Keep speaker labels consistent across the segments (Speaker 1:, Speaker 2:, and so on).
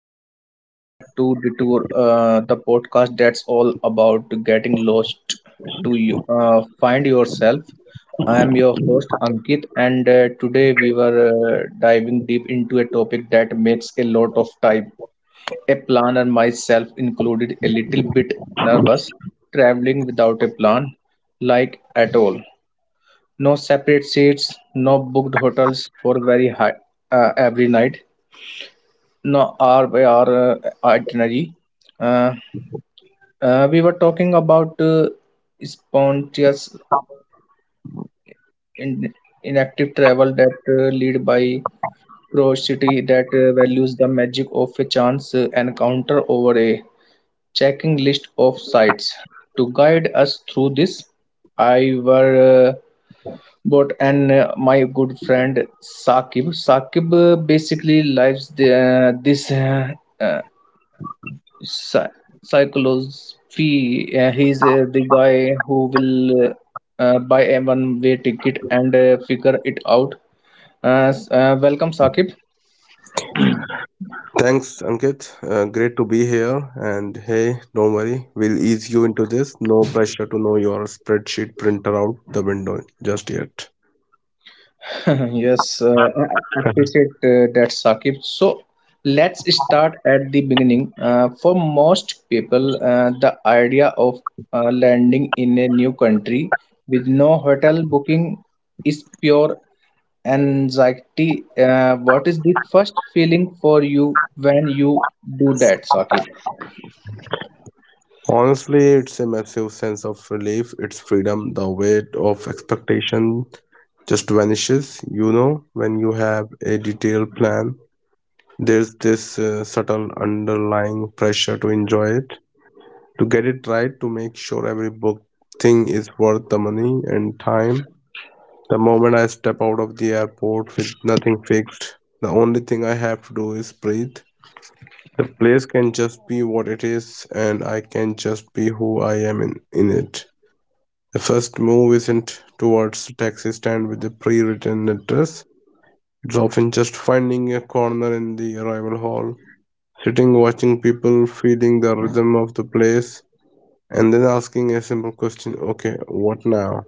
Speaker 1: and welcome back to Detour, the podcast that's all about getting lost to you, find yourself. I am your host Ankit, and today we were diving deep into a topic that makes a lot of time a planner, myself included, a little bit nervous traveling without a plan, like at all. No separate seats, no booked hotels for very high every night no, our by our itinerary. Uh, we were talking about spontaneous in, inactive travel that lead by curiosity that values the magic of a chance encounter over a checking list of sites. To guide us through this, I were bought and my good friend Sakib. Sakib basically lives this. Uh, Psy- Cyclosophy. He's the guy who will buy a one-way ticket and figure it out. Welcome, Sakib.
Speaker 2: Thanks, Ankit. Great to be here. And hey, don't worry, we'll ease you into this. No pressure to know your spreadsheet printer out the window just yet.
Speaker 1: Yes, I appreciate that, Sakib. So let's start at the beginning. For most people, the idea of landing in a new country with no hotel booking is pure anxiety. What is the first feeling for you when you do that, Sakib?
Speaker 2: Honestly, it's a massive sense of relief. It's freedom. The weight of expectation just vanishes. You know, when you have a detailed plan, there's this subtle underlying pressure to enjoy it, to get it right, to make sure every book thing is worth the money and time. The moment I step out of the airport with nothing fixed, the only thing I have to do is breathe. The place can just be what it is, and I can just be who I am in it. The first move isn't towards a taxi stand with a pre written address, it's often just finding a corner in the arrival hall, sitting, watching people, feeling the rhythm of the place, and then asking a simple question, okay, what now?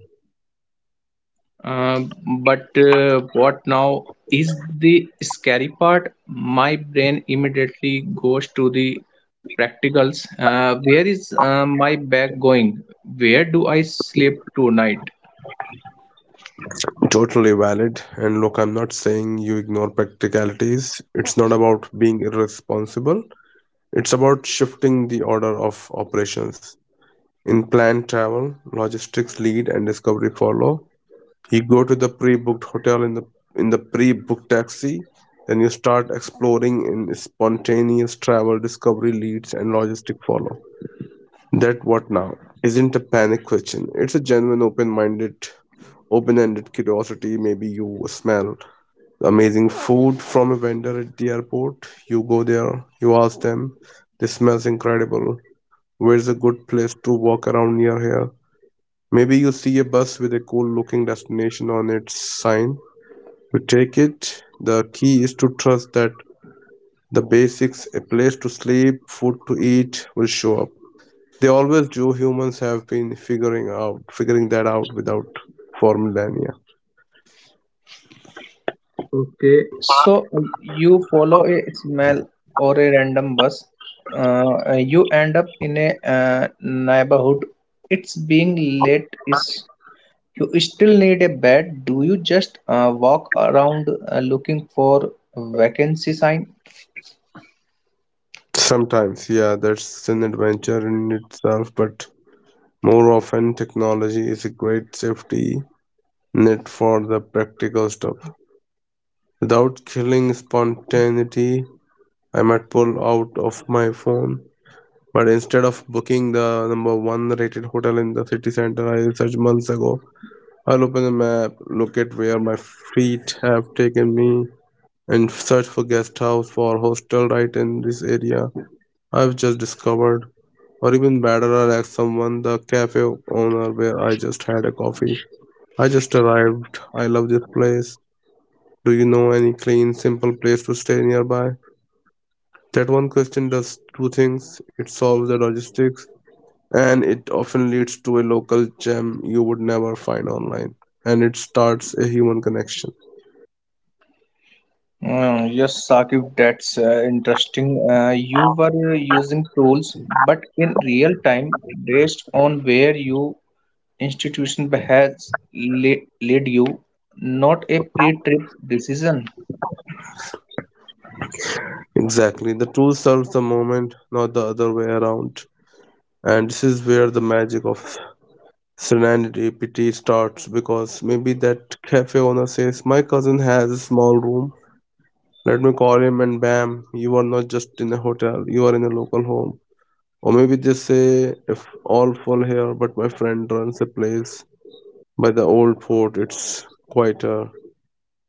Speaker 1: Um, but what now is the scary part? My brain immediately goes to the practicals. Where is my bag going? Where do I sleep tonight?
Speaker 2: Totally valid. And look, I'm not saying you ignore practicalities. It's not about being irresponsible, it's about shifting the order of operations. In planned travel, logistics lead and discovery follow. You go to the pre-booked hotel in the pre-booked taxi, then you start exploring in spontaneous travel, discovery leads and logistic follow. That what now isn't a panic question. It's a genuine open-minded open-ended curiosity. Maybe you smell amazing food from a vendor at the airport. You go there, you ask them, this smells incredible. Where's a good place to walk around near here? Maybe you see a bus with a cool looking destination on its sign. You take it. The key is to trust that the basics, a place to sleep, food to eat, will show up. They always do. Humans have been figuring that out without for millennia.
Speaker 1: Okay, so you follow a smell or a random bus. You end up in a neighborhood. It's being late is you still need a bed. Do you just walk around looking for vacancy sign?
Speaker 2: Sometimes, yeah, that's an adventure in itself, but more often, technology is a great safety net for the practical stuff. Without killing spontaneity, I might pull out of my phone. But instead of booking the number one rated hotel in the city center I researched months ago, I'll open the map, look at where my feet have taken me, and search for guest house or hostel right in this area I've just discovered. Or even better, I'll ask someone, the cafe owner where I just had a coffee. I just arrived. I love this place. Do you know any clean, simple place to stay nearby? That one question does 2 things, it solves the logistics, and it often leads to a local gem you would never find online. And it starts a human connection.
Speaker 1: Mm, yes, Sakib, that's interesting. You were using tools, but in real time, based on where your institution has led you, not a pre-trip decision.
Speaker 2: Exactly. The tool serves the moment, not the other way around. And this is where the magic of Serenity PT starts because maybe that cafe owner says, my cousin has a small room, let me call him, and bam, you are not just in a hotel, you are in a local home. Or maybe just say, if all fall here, but my friend runs a place by the old fort, it's quieter.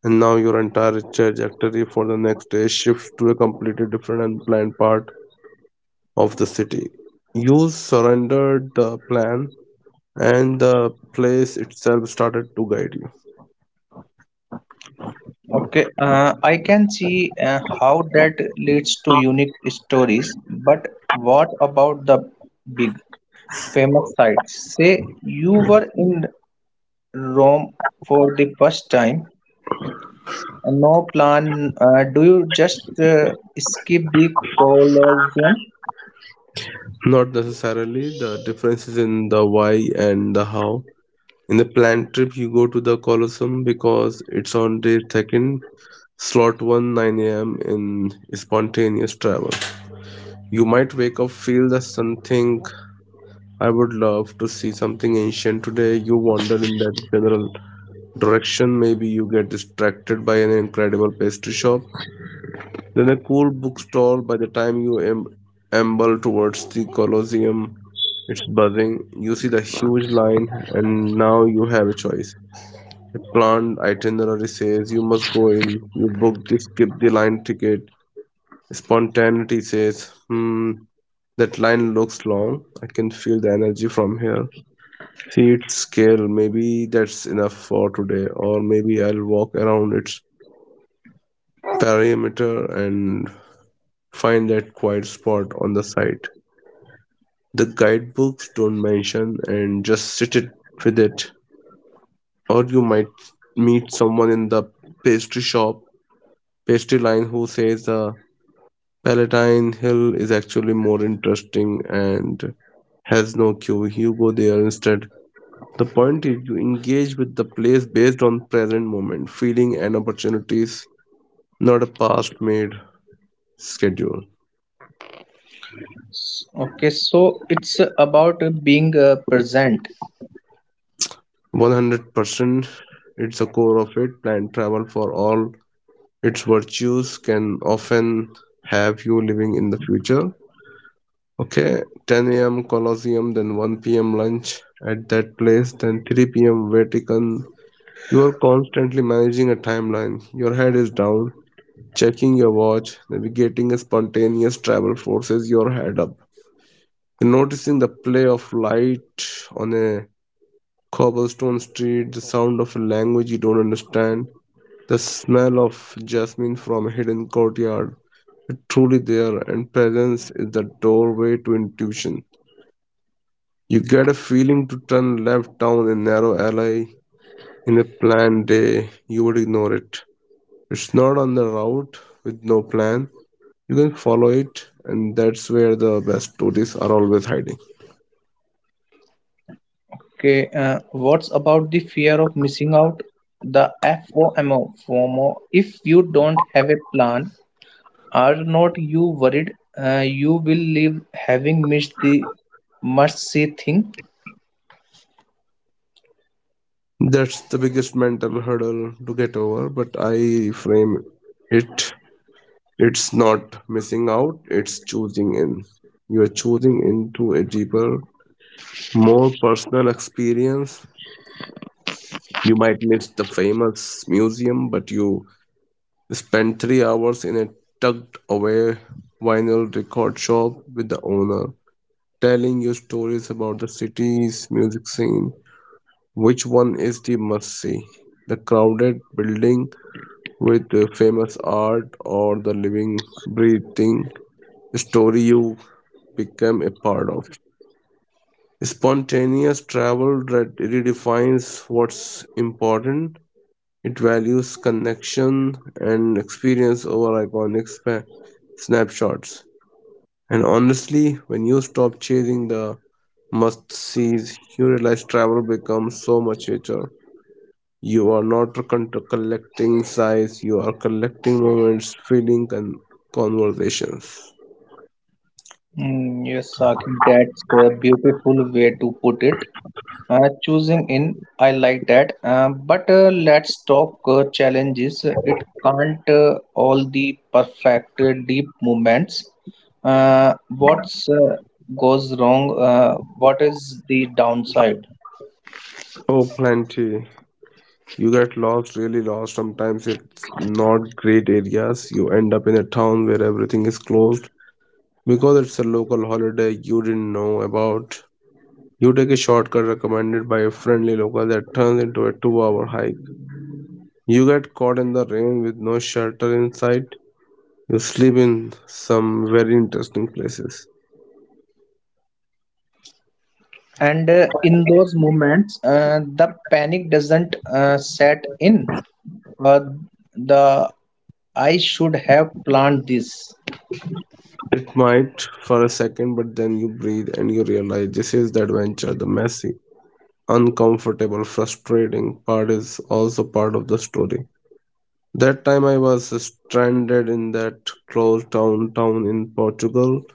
Speaker 2: And now your entire trajectory for the next day shifts to a completely different and planned part of the city. You surrendered the plan, and the place itself started to guide you.
Speaker 1: Okay, I can see how that leads to unique stories, but what about the big? Famous sites. Say you were in Rome for the first time, no plan. Do you just skip the Colosseum?
Speaker 2: Not necessarily, the differences in the why and the how. In the planned trip, you go to the colosseum because it's on day second, slot 1 9 a.m. In spontaneous travel, you might wake up, feel the sun, think, I would love to see something ancient today. You wander in that general direction, maybe you get distracted by an incredible pastry shop, then a cool bookstore. By the time you amble towards the colosseum, it's buzzing. You see the huge line, and now you have a choice. The planned itinerary says you must go in, you book this, skip the line ticket. Spontaneity says, hmm, that line looks long. I can feel the energy from here. Seat scale, maybe that's enough for today, or maybe I'll walk around its perimeter and find that quiet spot on the side. The guidebooks don't mention and just sit it with it. Or you might meet someone in the pastry shop, pastry line, who says, Palatine Hill is actually more interesting and has no queue. You go there instead. The point is you engage with the place based on present moment, feeling and opportunities, not a past made schedule.
Speaker 1: Okay, so it's about being present.
Speaker 2: 100% it's a core of it. Planned travel for all its virtues can often have you living in the future. Okay, 10 a.m. Colosseum, then 1 p.m. lunch at that place, then 3 p.m. Vatican. You are constantly managing a timeline. Your head is down, checking your watch, navigating a spontaneous travel forces your head up. You're noticing the play of light on a cobblestone street, the sound of a language you don't understand, the smell of jasmine from a hidden courtyard. You're truly there, and presence is the doorway to intuition. You get a feeling to turn left down a narrow alley. In a planned day, you would ignore it. It's not on the route. With no plan, you can follow it, and that's where the best tourists are always hiding.
Speaker 1: Okay, what's about the fear of missing out? The FOMO, FOMO. If you don't have a plan, are not you worried you will leave having missed the must see thing?
Speaker 2: That's the biggest mental hurdle to get over, but I frame it. It's not missing out, it's choosing in. You are choosing into a deeper, more personal experience. You might miss the famous museum, but you spend 3 hours in a tucked away vinyl record shop with the owner telling you stories about the city's music scene. Which one is the must see? The crowded building with the famous art, or the living, breathing story you become a part of? Spontaneous travel that redefines what's important. It values connection and experience over iconic snapshots. And honestly, when you stop chasing the must sees, you realize travel becomes so much richer. You are not collecting sights, you are collecting moments, feeling, and conversations.
Speaker 1: Mm, yes, Saqib, that's a beautiful way to put it. Choosing in, I like that. But let's talk challenges. It can't all the perfect deep movements. What's goes wrong? What is the downside?
Speaker 2: Oh, plenty. You get lost, really lost. Sometimes it's not great areas. You end up in a town where everything is closed because it's a local holiday you didn't know about. You take a shortcut recommended by a friendly local that turns into a 2 hour hike. You get caught in the rain with no shelter in sight. You sleep in some very interesting places.
Speaker 1: And in those moments, the panic doesn't set in. Uh, the I should have planned this.
Speaker 2: It might for a second, but then you breathe and you realize this is the adventure. The messy, uncomfortable, frustrating part is also part of the story. That time I was stranded in that closed town in Portugal.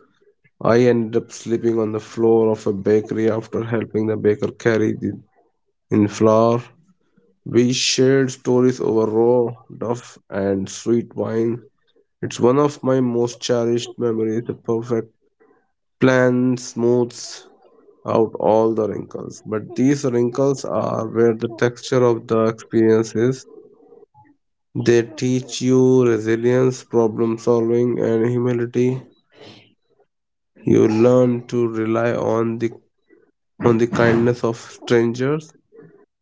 Speaker 2: I ended up sleeping on the floor of a bakery after helping the baker carry the in flour. We shared stories over raw, duff, and sweet wine. It's one of my most cherished memories. The perfect plan smooths out all the wrinkles. But these wrinkles are where the texture of the experience is. They teach you resilience, problem solving, and humility. You learn to rely on the kindness of strangers,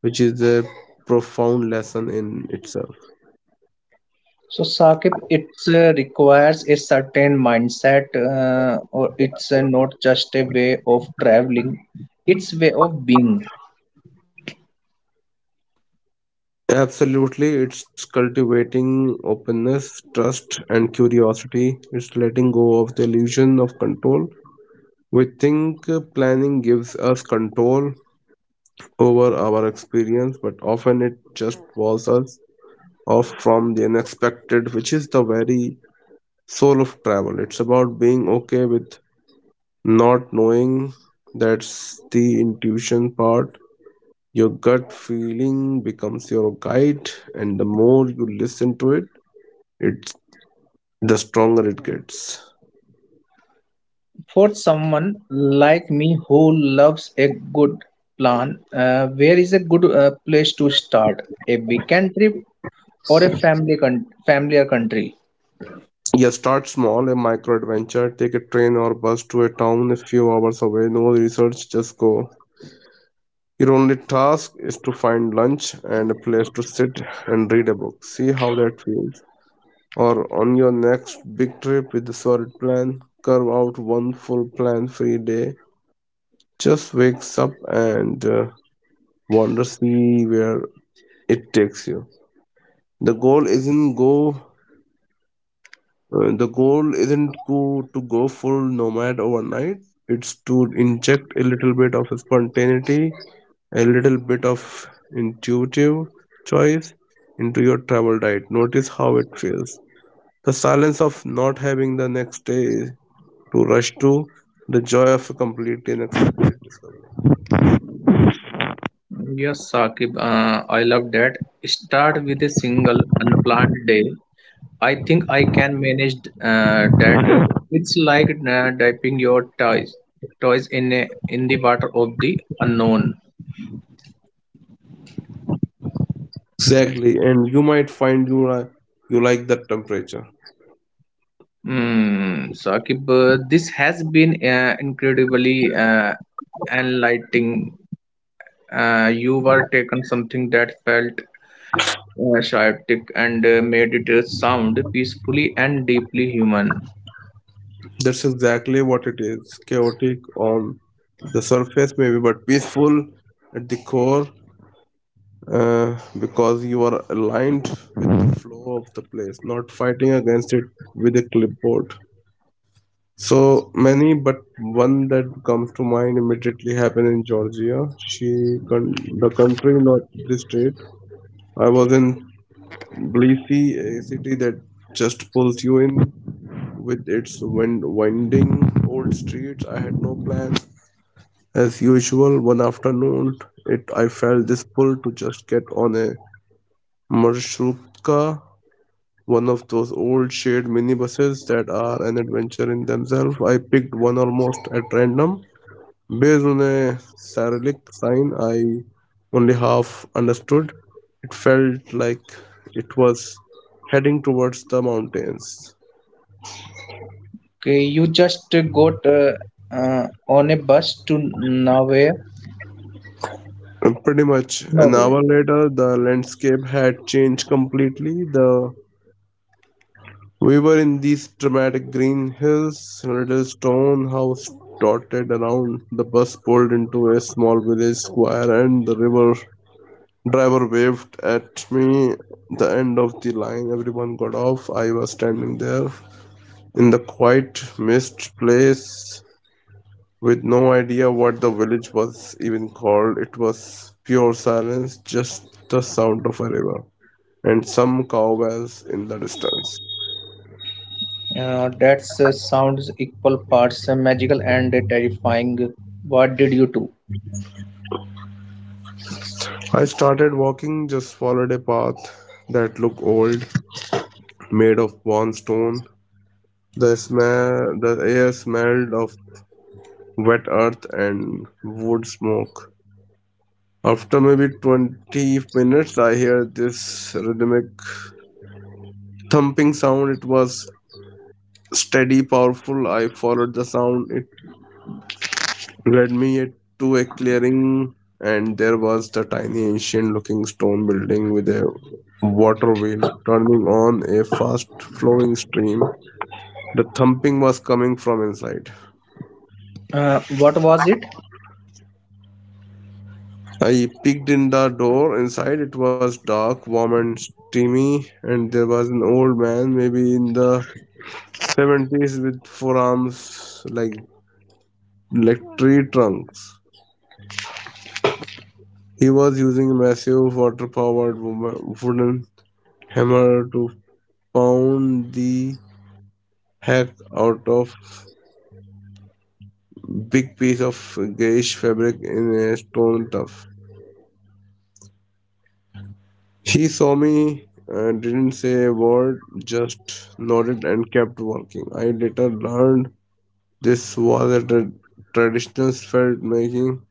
Speaker 2: which is a profound lesson in itself.
Speaker 1: So, Saqib, it requires a certain mindset, or it's not just a way of traveling, it's way of being.
Speaker 2: Absolutely, it's cultivating openness, trust, and curiosity. It's letting go of the illusion of control. We think planning gives us control over our experience, but often it just walls us off from the unexpected, which is the very soul of travel. It's about being okay with not knowing. That's the intuition part. Your gut feeling becomes your guide, and the more you listen to it, the stronger it gets.
Speaker 1: For someone like me who loves a good plan, where is a good place to start? A weekend trip or a family familiar country?
Speaker 2: Yeah, start small, a micro adventure. Take a train or bus to a town a few hours away. No research, just go. Your only task is to find lunch and a place to sit and read a book. See how that feels. Or on your next big trip with a solid plan, carve out one full plan free day. Just wakes up and wander, see where it takes you. The goal isn't go the goal isn't go, to go full nomad overnight. It's to inject a little bit of spontaneity, a little bit of intuitive choice into your travel diet. Notice how it feels. The silence of not having the next day to rush to, the joy of a completely unexpected discovery.
Speaker 1: Yes, Saqib, I love that. Start with a single unplanned day. I think I can manage that. It's like dipping your toys in the water of the unknown.
Speaker 2: Exactly, and you might find you like that temperature.
Speaker 1: Mm, Saqib, this has been incredibly enlightening. You were taken something that felt chaotic and made it sound peacefully and deeply human.
Speaker 2: That's exactly what it is, chaotic on the surface, maybe, but peaceful at the core because you are aligned with the flow of the place, not fighting against it with a clipboard. So many, but one that comes to mind immediately happened in Georgia. She, con- the country, not the state. I was in Tbilisi, a city that just pulls you in with its winding old streets. I had no plans. As usual, one afternoon it I felt this pull to just get on a marshrutka, one of those old shared minibuses that are an adventure in themselves. I picked one almost at random. Based on a Cyrillic sign I only half understood, it felt like it was heading towards the mountains.
Speaker 1: Okay, you just got on a bus to nowhere.
Speaker 2: Pretty much an
Speaker 1: Nowhere.
Speaker 2: hour later, the landscape had changed completely. The We were in these dramatic green hills, a little stone house dotted around. The bus pulled into a small village square, and the river driver waved at me. The end of the line, everyone got off. I was standing there in the quiet, mist place with no idea what the village was even called. It was pure silence, just the sound of a river and some cow bells in the distance.
Speaker 1: That sounds equal parts magical and terrifying. What did you do?
Speaker 2: I started walking, just followed a path that looked old, made of worn stone. The smell, the air smelled of wet earth and wood smoke. After maybe 20 minutes, I heard this rhythmic thumping sound. It was steady, powerful. I followed the sound. It Led me yet to a clearing, and there was the tiny ancient-looking stone building with a water wheel turning on a fast-flowing stream. The thumping was coming from inside.
Speaker 1: What was it?
Speaker 2: I peeked in the door. Inside it was dark, warm, and steamy, and there was an old man, maybe in the 70s, with forearms like tree trunks. He was using a massive water powered wooden hammer to pound the heck out of big piece of grayish fabric in a stone tuff. He saw me, didn't say a word, just nodded and kept working. I later learned this was at a traditional felt making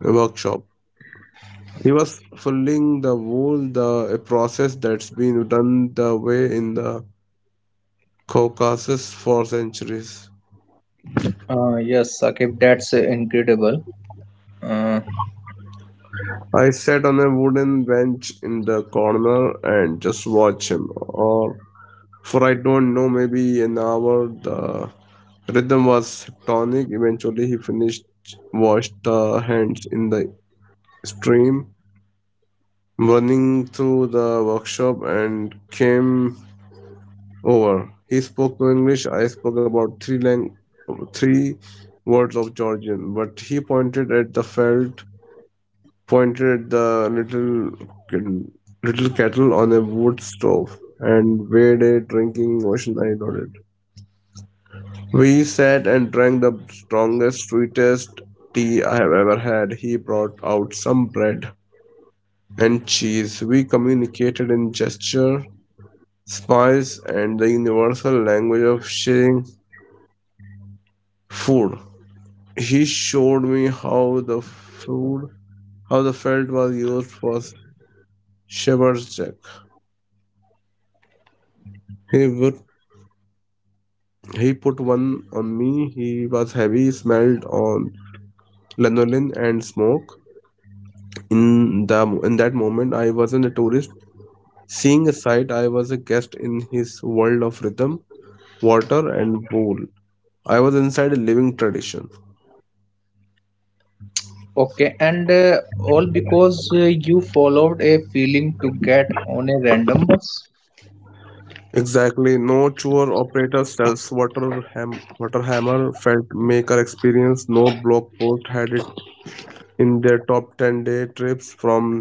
Speaker 2: workshop. He was fulling the wool, the a process that's been done the way in the Caucasus for centuries.
Speaker 1: Yes, Sakib, that's incredible. Uh,
Speaker 2: I sat on a wooden bench in the corner and just watched him. Or for I don't know, maybe an hour. The rhythm was tonic. Eventually, he finished, washed the hands in the stream, running through the workshop, and came over. He spoke no English. I spoke about three words of Georgian, but he pointed at the felt pointed the little kettle on a wood stove and weighed it, drinking ocean eyed nodded. We sat and drank the strongest, sweetest tea I have ever had. He brought out some bread and cheese. We communicated in gesture, smiles, and the universal language of sharing food. He showed me how the felt was used for shepherd's check. He would He put one on me. He was heavy, smelled on lanolin and smoke. In that moment, I wasn't a tourist seeing a sight. I was a guest in his world of rhythm, water, and pool. I was inside a living tradition.
Speaker 1: okay, and all because you followed a feeling to get on a random bus?
Speaker 2: Exactly. No tour operator sells water hammer felt maker experience. No blog post had it in their top 10 day trips from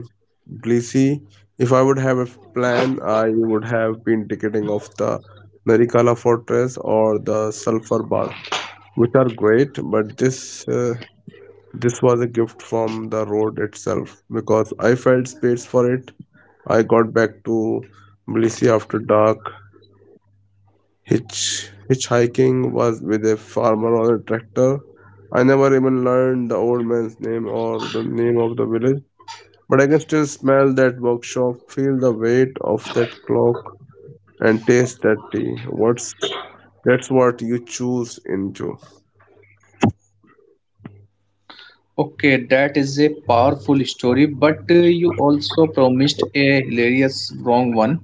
Speaker 2: Tbilisi. If I would have a plan, I would have been ticketing off the Narikala Fortress or the Sulphur Bath, which are great, but this was a gift from the road itself because I felt space for it. I got back to Tbilisi after dark. Hitchhiking was with a farmer on a tractor. I never even learned the old man's name or the name of the village, but I can still smell that workshop, feel the weight of that clock, and taste that tea. What's That's what you choose into.
Speaker 1: Okay, that is a powerful story, but you also promised a hilarious wrong one.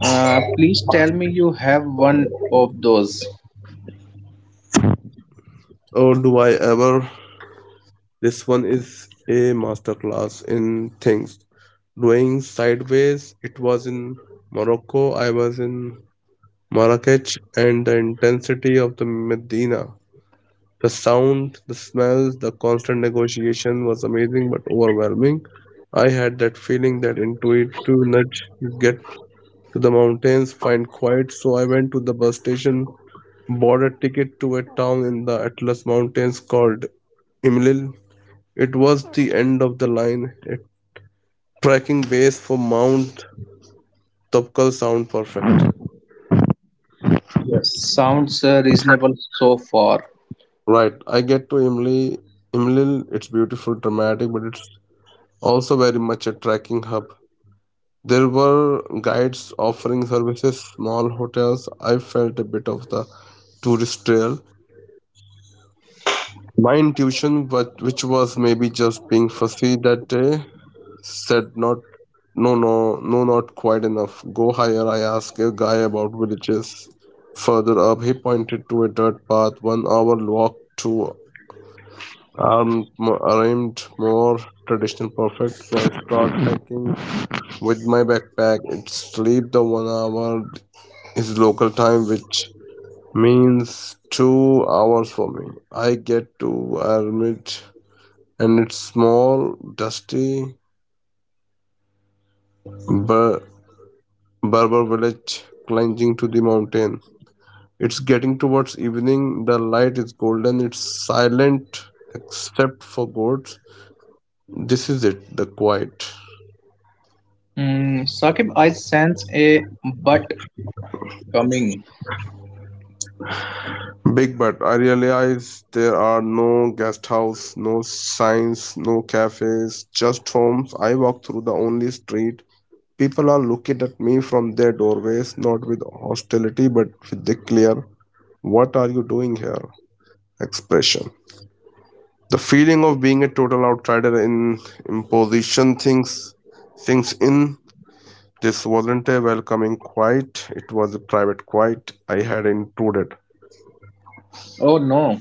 Speaker 1: Please tell me you have one of those.
Speaker 2: Or do I ever? This one is a masterclass in things. Doing sideways, it was in Morocco, I was in Marrakech, and the intensity of the Medina. The sound, the smells, the constant negotiation was amazing but overwhelming. I had that feeling, that intuitive nudge to get to the mountains, find quiet, so I went to the bus station, bought a ticket to a town in the Atlas Mountains called Imlil. It was the end of the line, a trekking base for Mount Topkal sound perfect.
Speaker 1: Yes. Sounds reasonable so far.
Speaker 2: Right, I get to Imlil, it's beautiful, dramatic, but it's also very much a trekking hub. There were guides offering services, small hotels. I felt a bit of the tourist trail. My intuition, but which was maybe just being fussy that day, said not no no no not quite enough. Go higher. I asked a guy about villages. Further up he pointed to a dirt path, 1 hour walk to armed, armed more traditional perfect. So I start hiking with my backpack. It sleep the 1 hour is local time, which means 2 hours for me. I get to Ermit and its small, dusty Ber- Berber village clinging to the mountain. It's getting towards evening, the light is golden, it's silent except for goats. This is it, the quiet.
Speaker 1: Mm, Saqib, I sense a but coming.
Speaker 2: Big but I realize there are no guest house, no signs, no cafes, just homes. I walk through the only street. People are looking at me from their doorways, not with hostility, but with the clear, what are you doing here? Expression. The feeling of being a total outsider in imposition things sinks in. This wasn't a welcoming quiet, it was a private quiet. I had intruded.
Speaker 1: Oh no.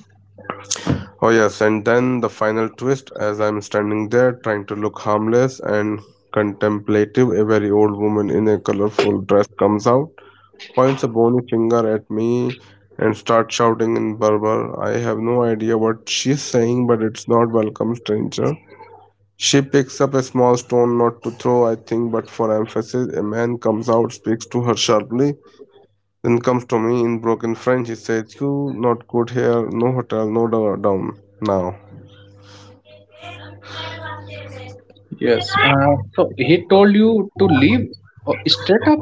Speaker 2: Oh, yes, and then the final twist as I'm standing there trying to look harmless and contemplative, a very old woman in a colorful dress comes out, points a bony finger at me and starts shouting in Berber. I have no idea what she's saying, but it's not welcome, stranger. She picks up a small stone, not to throw, I think, but for emphasis. A man comes out, speaks to her sharply, then comes to me in broken French. He says, "You not good here, no hotel, no do- down now."
Speaker 1: Yes. So he told you to leave oh, straight up.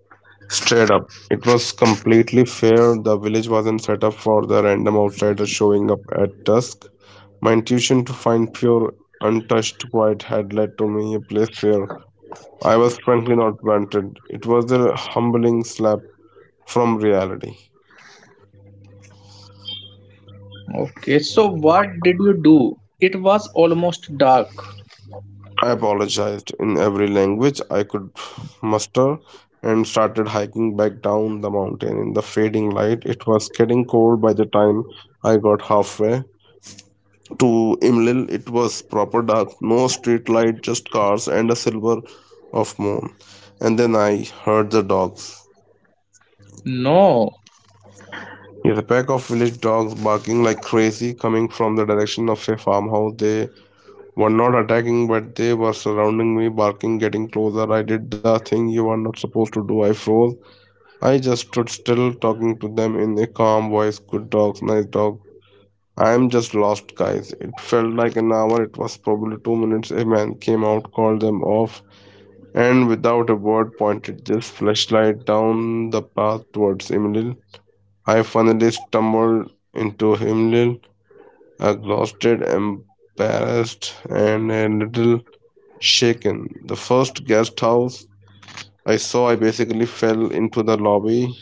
Speaker 2: Straight up. It was completely fair. The village wasn't set up for the random outsider showing up at dusk. My intuition to find pure, untouched quiet had led to me a place where I was frankly not wanted. It was a humbling slap from reality.
Speaker 1: Okay. So what did you do? It was almost dark.
Speaker 2: I apologized in every language I could muster and started hiking back down the mountain in the fading light. It was getting cold by the time I got halfway to Imlil, it was proper dark, no street light, just cars and a silver of moon. And then I heard the dogs.
Speaker 1: No.
Speaker 2: Yes, a pack of village dogs barking like crazy coming from the direction of a farmhouse. They were not attacking, but they were surrounding me, barking, getting closer. I did the thing you are not supposed to do. I froze. I just stood still, talking to them in a calm voice. Good dogs, nice dogs. I'm just lost, guys. It felt like an hour, it was probably 2 minutes. A man came out, called them off, and without a word pointed this flashlight down the path towards Emil. I finally stumbled into Emil, exhausted, embarrassed, and a little shaken. The first guest house I saw, I basically fell into the lobby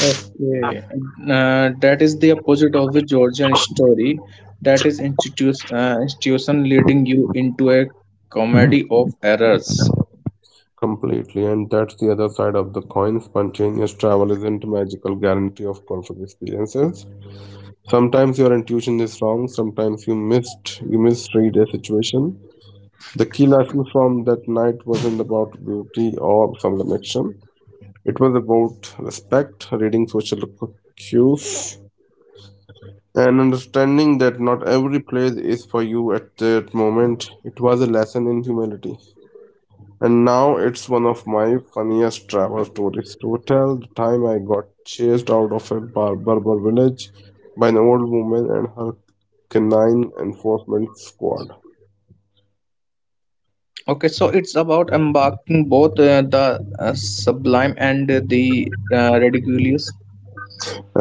Speaker 1: Okay, that is the opposite of the Georgian story. That is institution leading you into a comedy of errors.
Speaker 2: completely, and that's the other side of the coin. Spontaneous travel isn't a magical guarantee of perfect experiences. Sometimes your intuition is wrong, sometimes you misread a situation. The key lesson from that night wasn't about beauty or some connection. It was about respect, reading social cues, and understanding that not every place is for you at that moment. It was a lesson in humility. And now it's one of my funniest travel stories to tell, the time I got chased out of a Berber village by an old woman and her canine enforcement squad.
Speaker 1: Okay, so it's about embarking both the sublime and the ridiculous.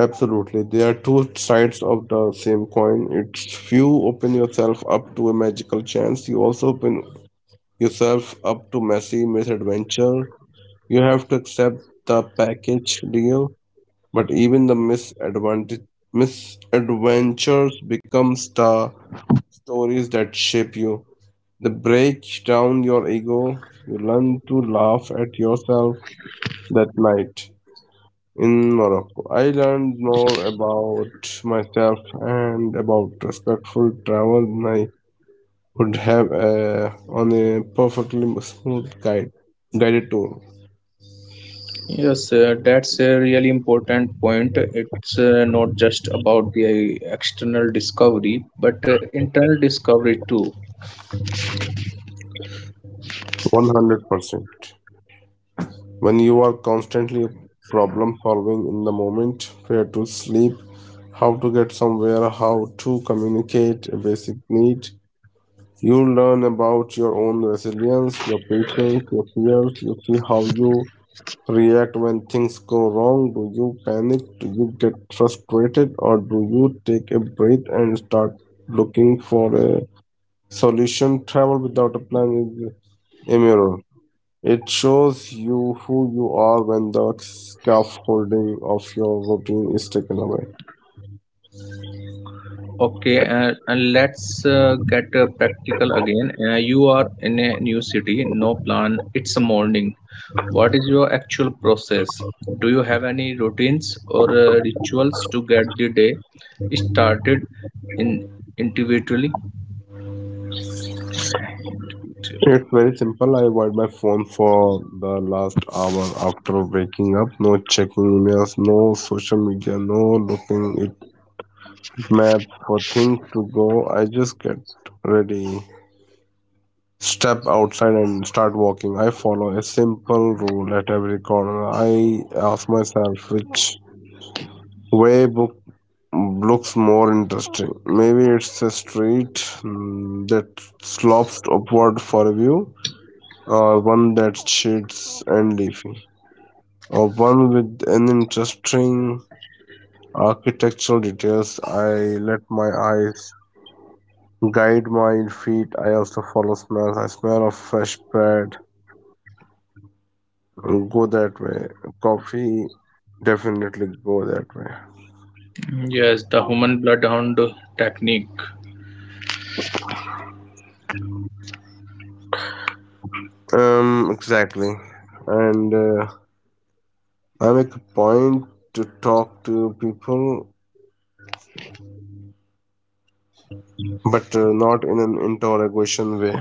Speaker 2: Absolutely, they are two sides of the same coin. It's you open yourself up to a magical chance, you also open yourself up to messy misadventure. You have to accept the package deal. But even the misadventures become star stories that shape you. They break down your ego. You learn to laugh at yourself that night in Morocco. I learned more about myself and about respectful travel than I would have on a perfectly smooth guided tour.
Speaker 1: Yes, that's a really important point. It's not just about the external discovery, but internal discovery too.
Speaker 2: 100%. When you are constantly problem solving in the moment, where to sleep, how to get somewhere, how to communicate a basic need, you learn about your own resilience, your patience, your fears. You see how you react when things go wrong. Do you panic? Do you get frustrated? Or do you take a breath and start looking for a solution? Travel without a plan is a mirror. It shows you who you are when the scaffolding of your routine is taken away.
Speaker 1: Okay, and let's get practical again. You are in a new city, no plan, it's a morning. What is your actual process? Do you have any routines or rituals to get the day started in individually?
Speaker 2: It's very simple. I avoid my phone for the last hour after waking up. No checking emails, no social media, no looking at map for things to go. I just get ready, step outside and start walking. I follow a simple rule at every corner. I ask myself which way book looks more interesting. Maybe it's a street that slopes upward for a view, or one that's shades and leafy, or one with an interesting architectural details. I let my eyes guide my feet. I also follow smells. I smell of fresh bread. Go that way. Coffee definitely go that way.
Speaker 1: Yes, the human bloodhound technique.
Speaker 2: Exactly, and. Uh, I make a point to talk to people, but not in an interrogation way.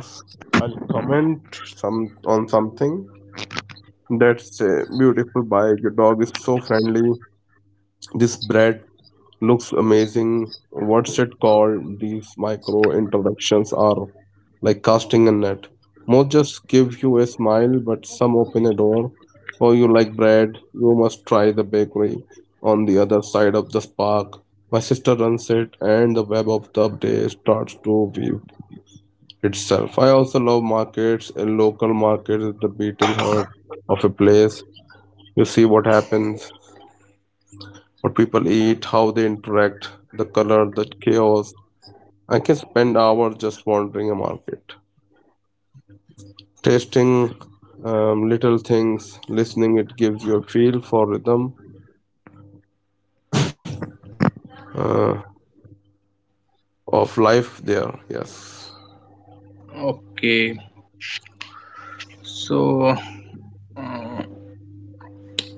Speaker 2: I'll comment some on something. That's beautiful. By your dog is so friendly. This bread looks amazing. What's it called? These micro introductions are like casting a net. Most just give you a smile, but some open a door. Oh, you like bread? You must try the bakery on the other side of the park. My sister runs it, and the web of the day starts to weave itself. I also love markets. A local market is the beating heart of a place. You see what happens, what people eat, how they interact, the color, the chaos, I can spend hours just wandering a market, tasting little things, listening. It gives you a feel for rhythm uh, of life there. Yes,
Speaker 1: Okay, so. uh,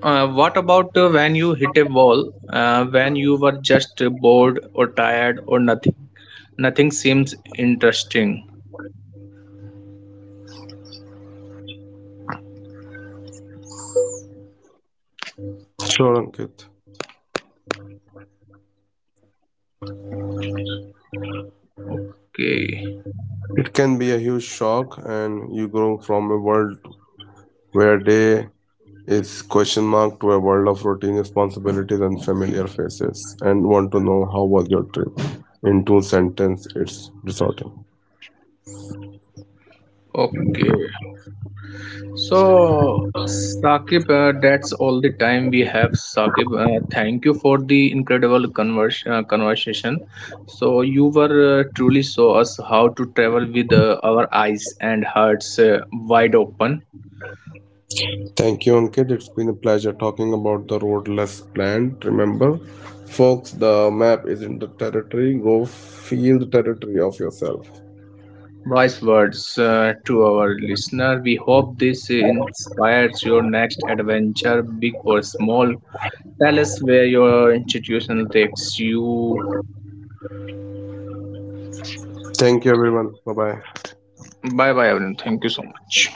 Speaker 1: What about when you hit a wall, when you were just bored or tired or nothing? Nothing seems interesting.
Speaker 2: sure, Ankit.
Speaker 1: Okay,
Speaker 2: It can be a huge shock, and you grow from a world where day is question mark to a world of routine responsibilities and familiar faces, and want to know how was your trip. In two sentences, it's distorting.
Speaker 1: okay. So, Saqib, that's all the time we have, Saqib. Thank you for the incredible conversation. So, you were truly show us how to travel with our eyes and hearts wide open.
Speaker 2: Thank you, Ankit. It's been a pleasure talking about the road less planned. Remember, folks, the map isn't the territory. Go feel the territory of yourself.
Speaker 1: Wise words to our listener. We hope this inspires your next adventure, big or small. Tell us where your institution takes you.
Speaker 2: Thank you, everyone. Bye bye.
Speaker 1: Bye bye, everyone. Thank you so much.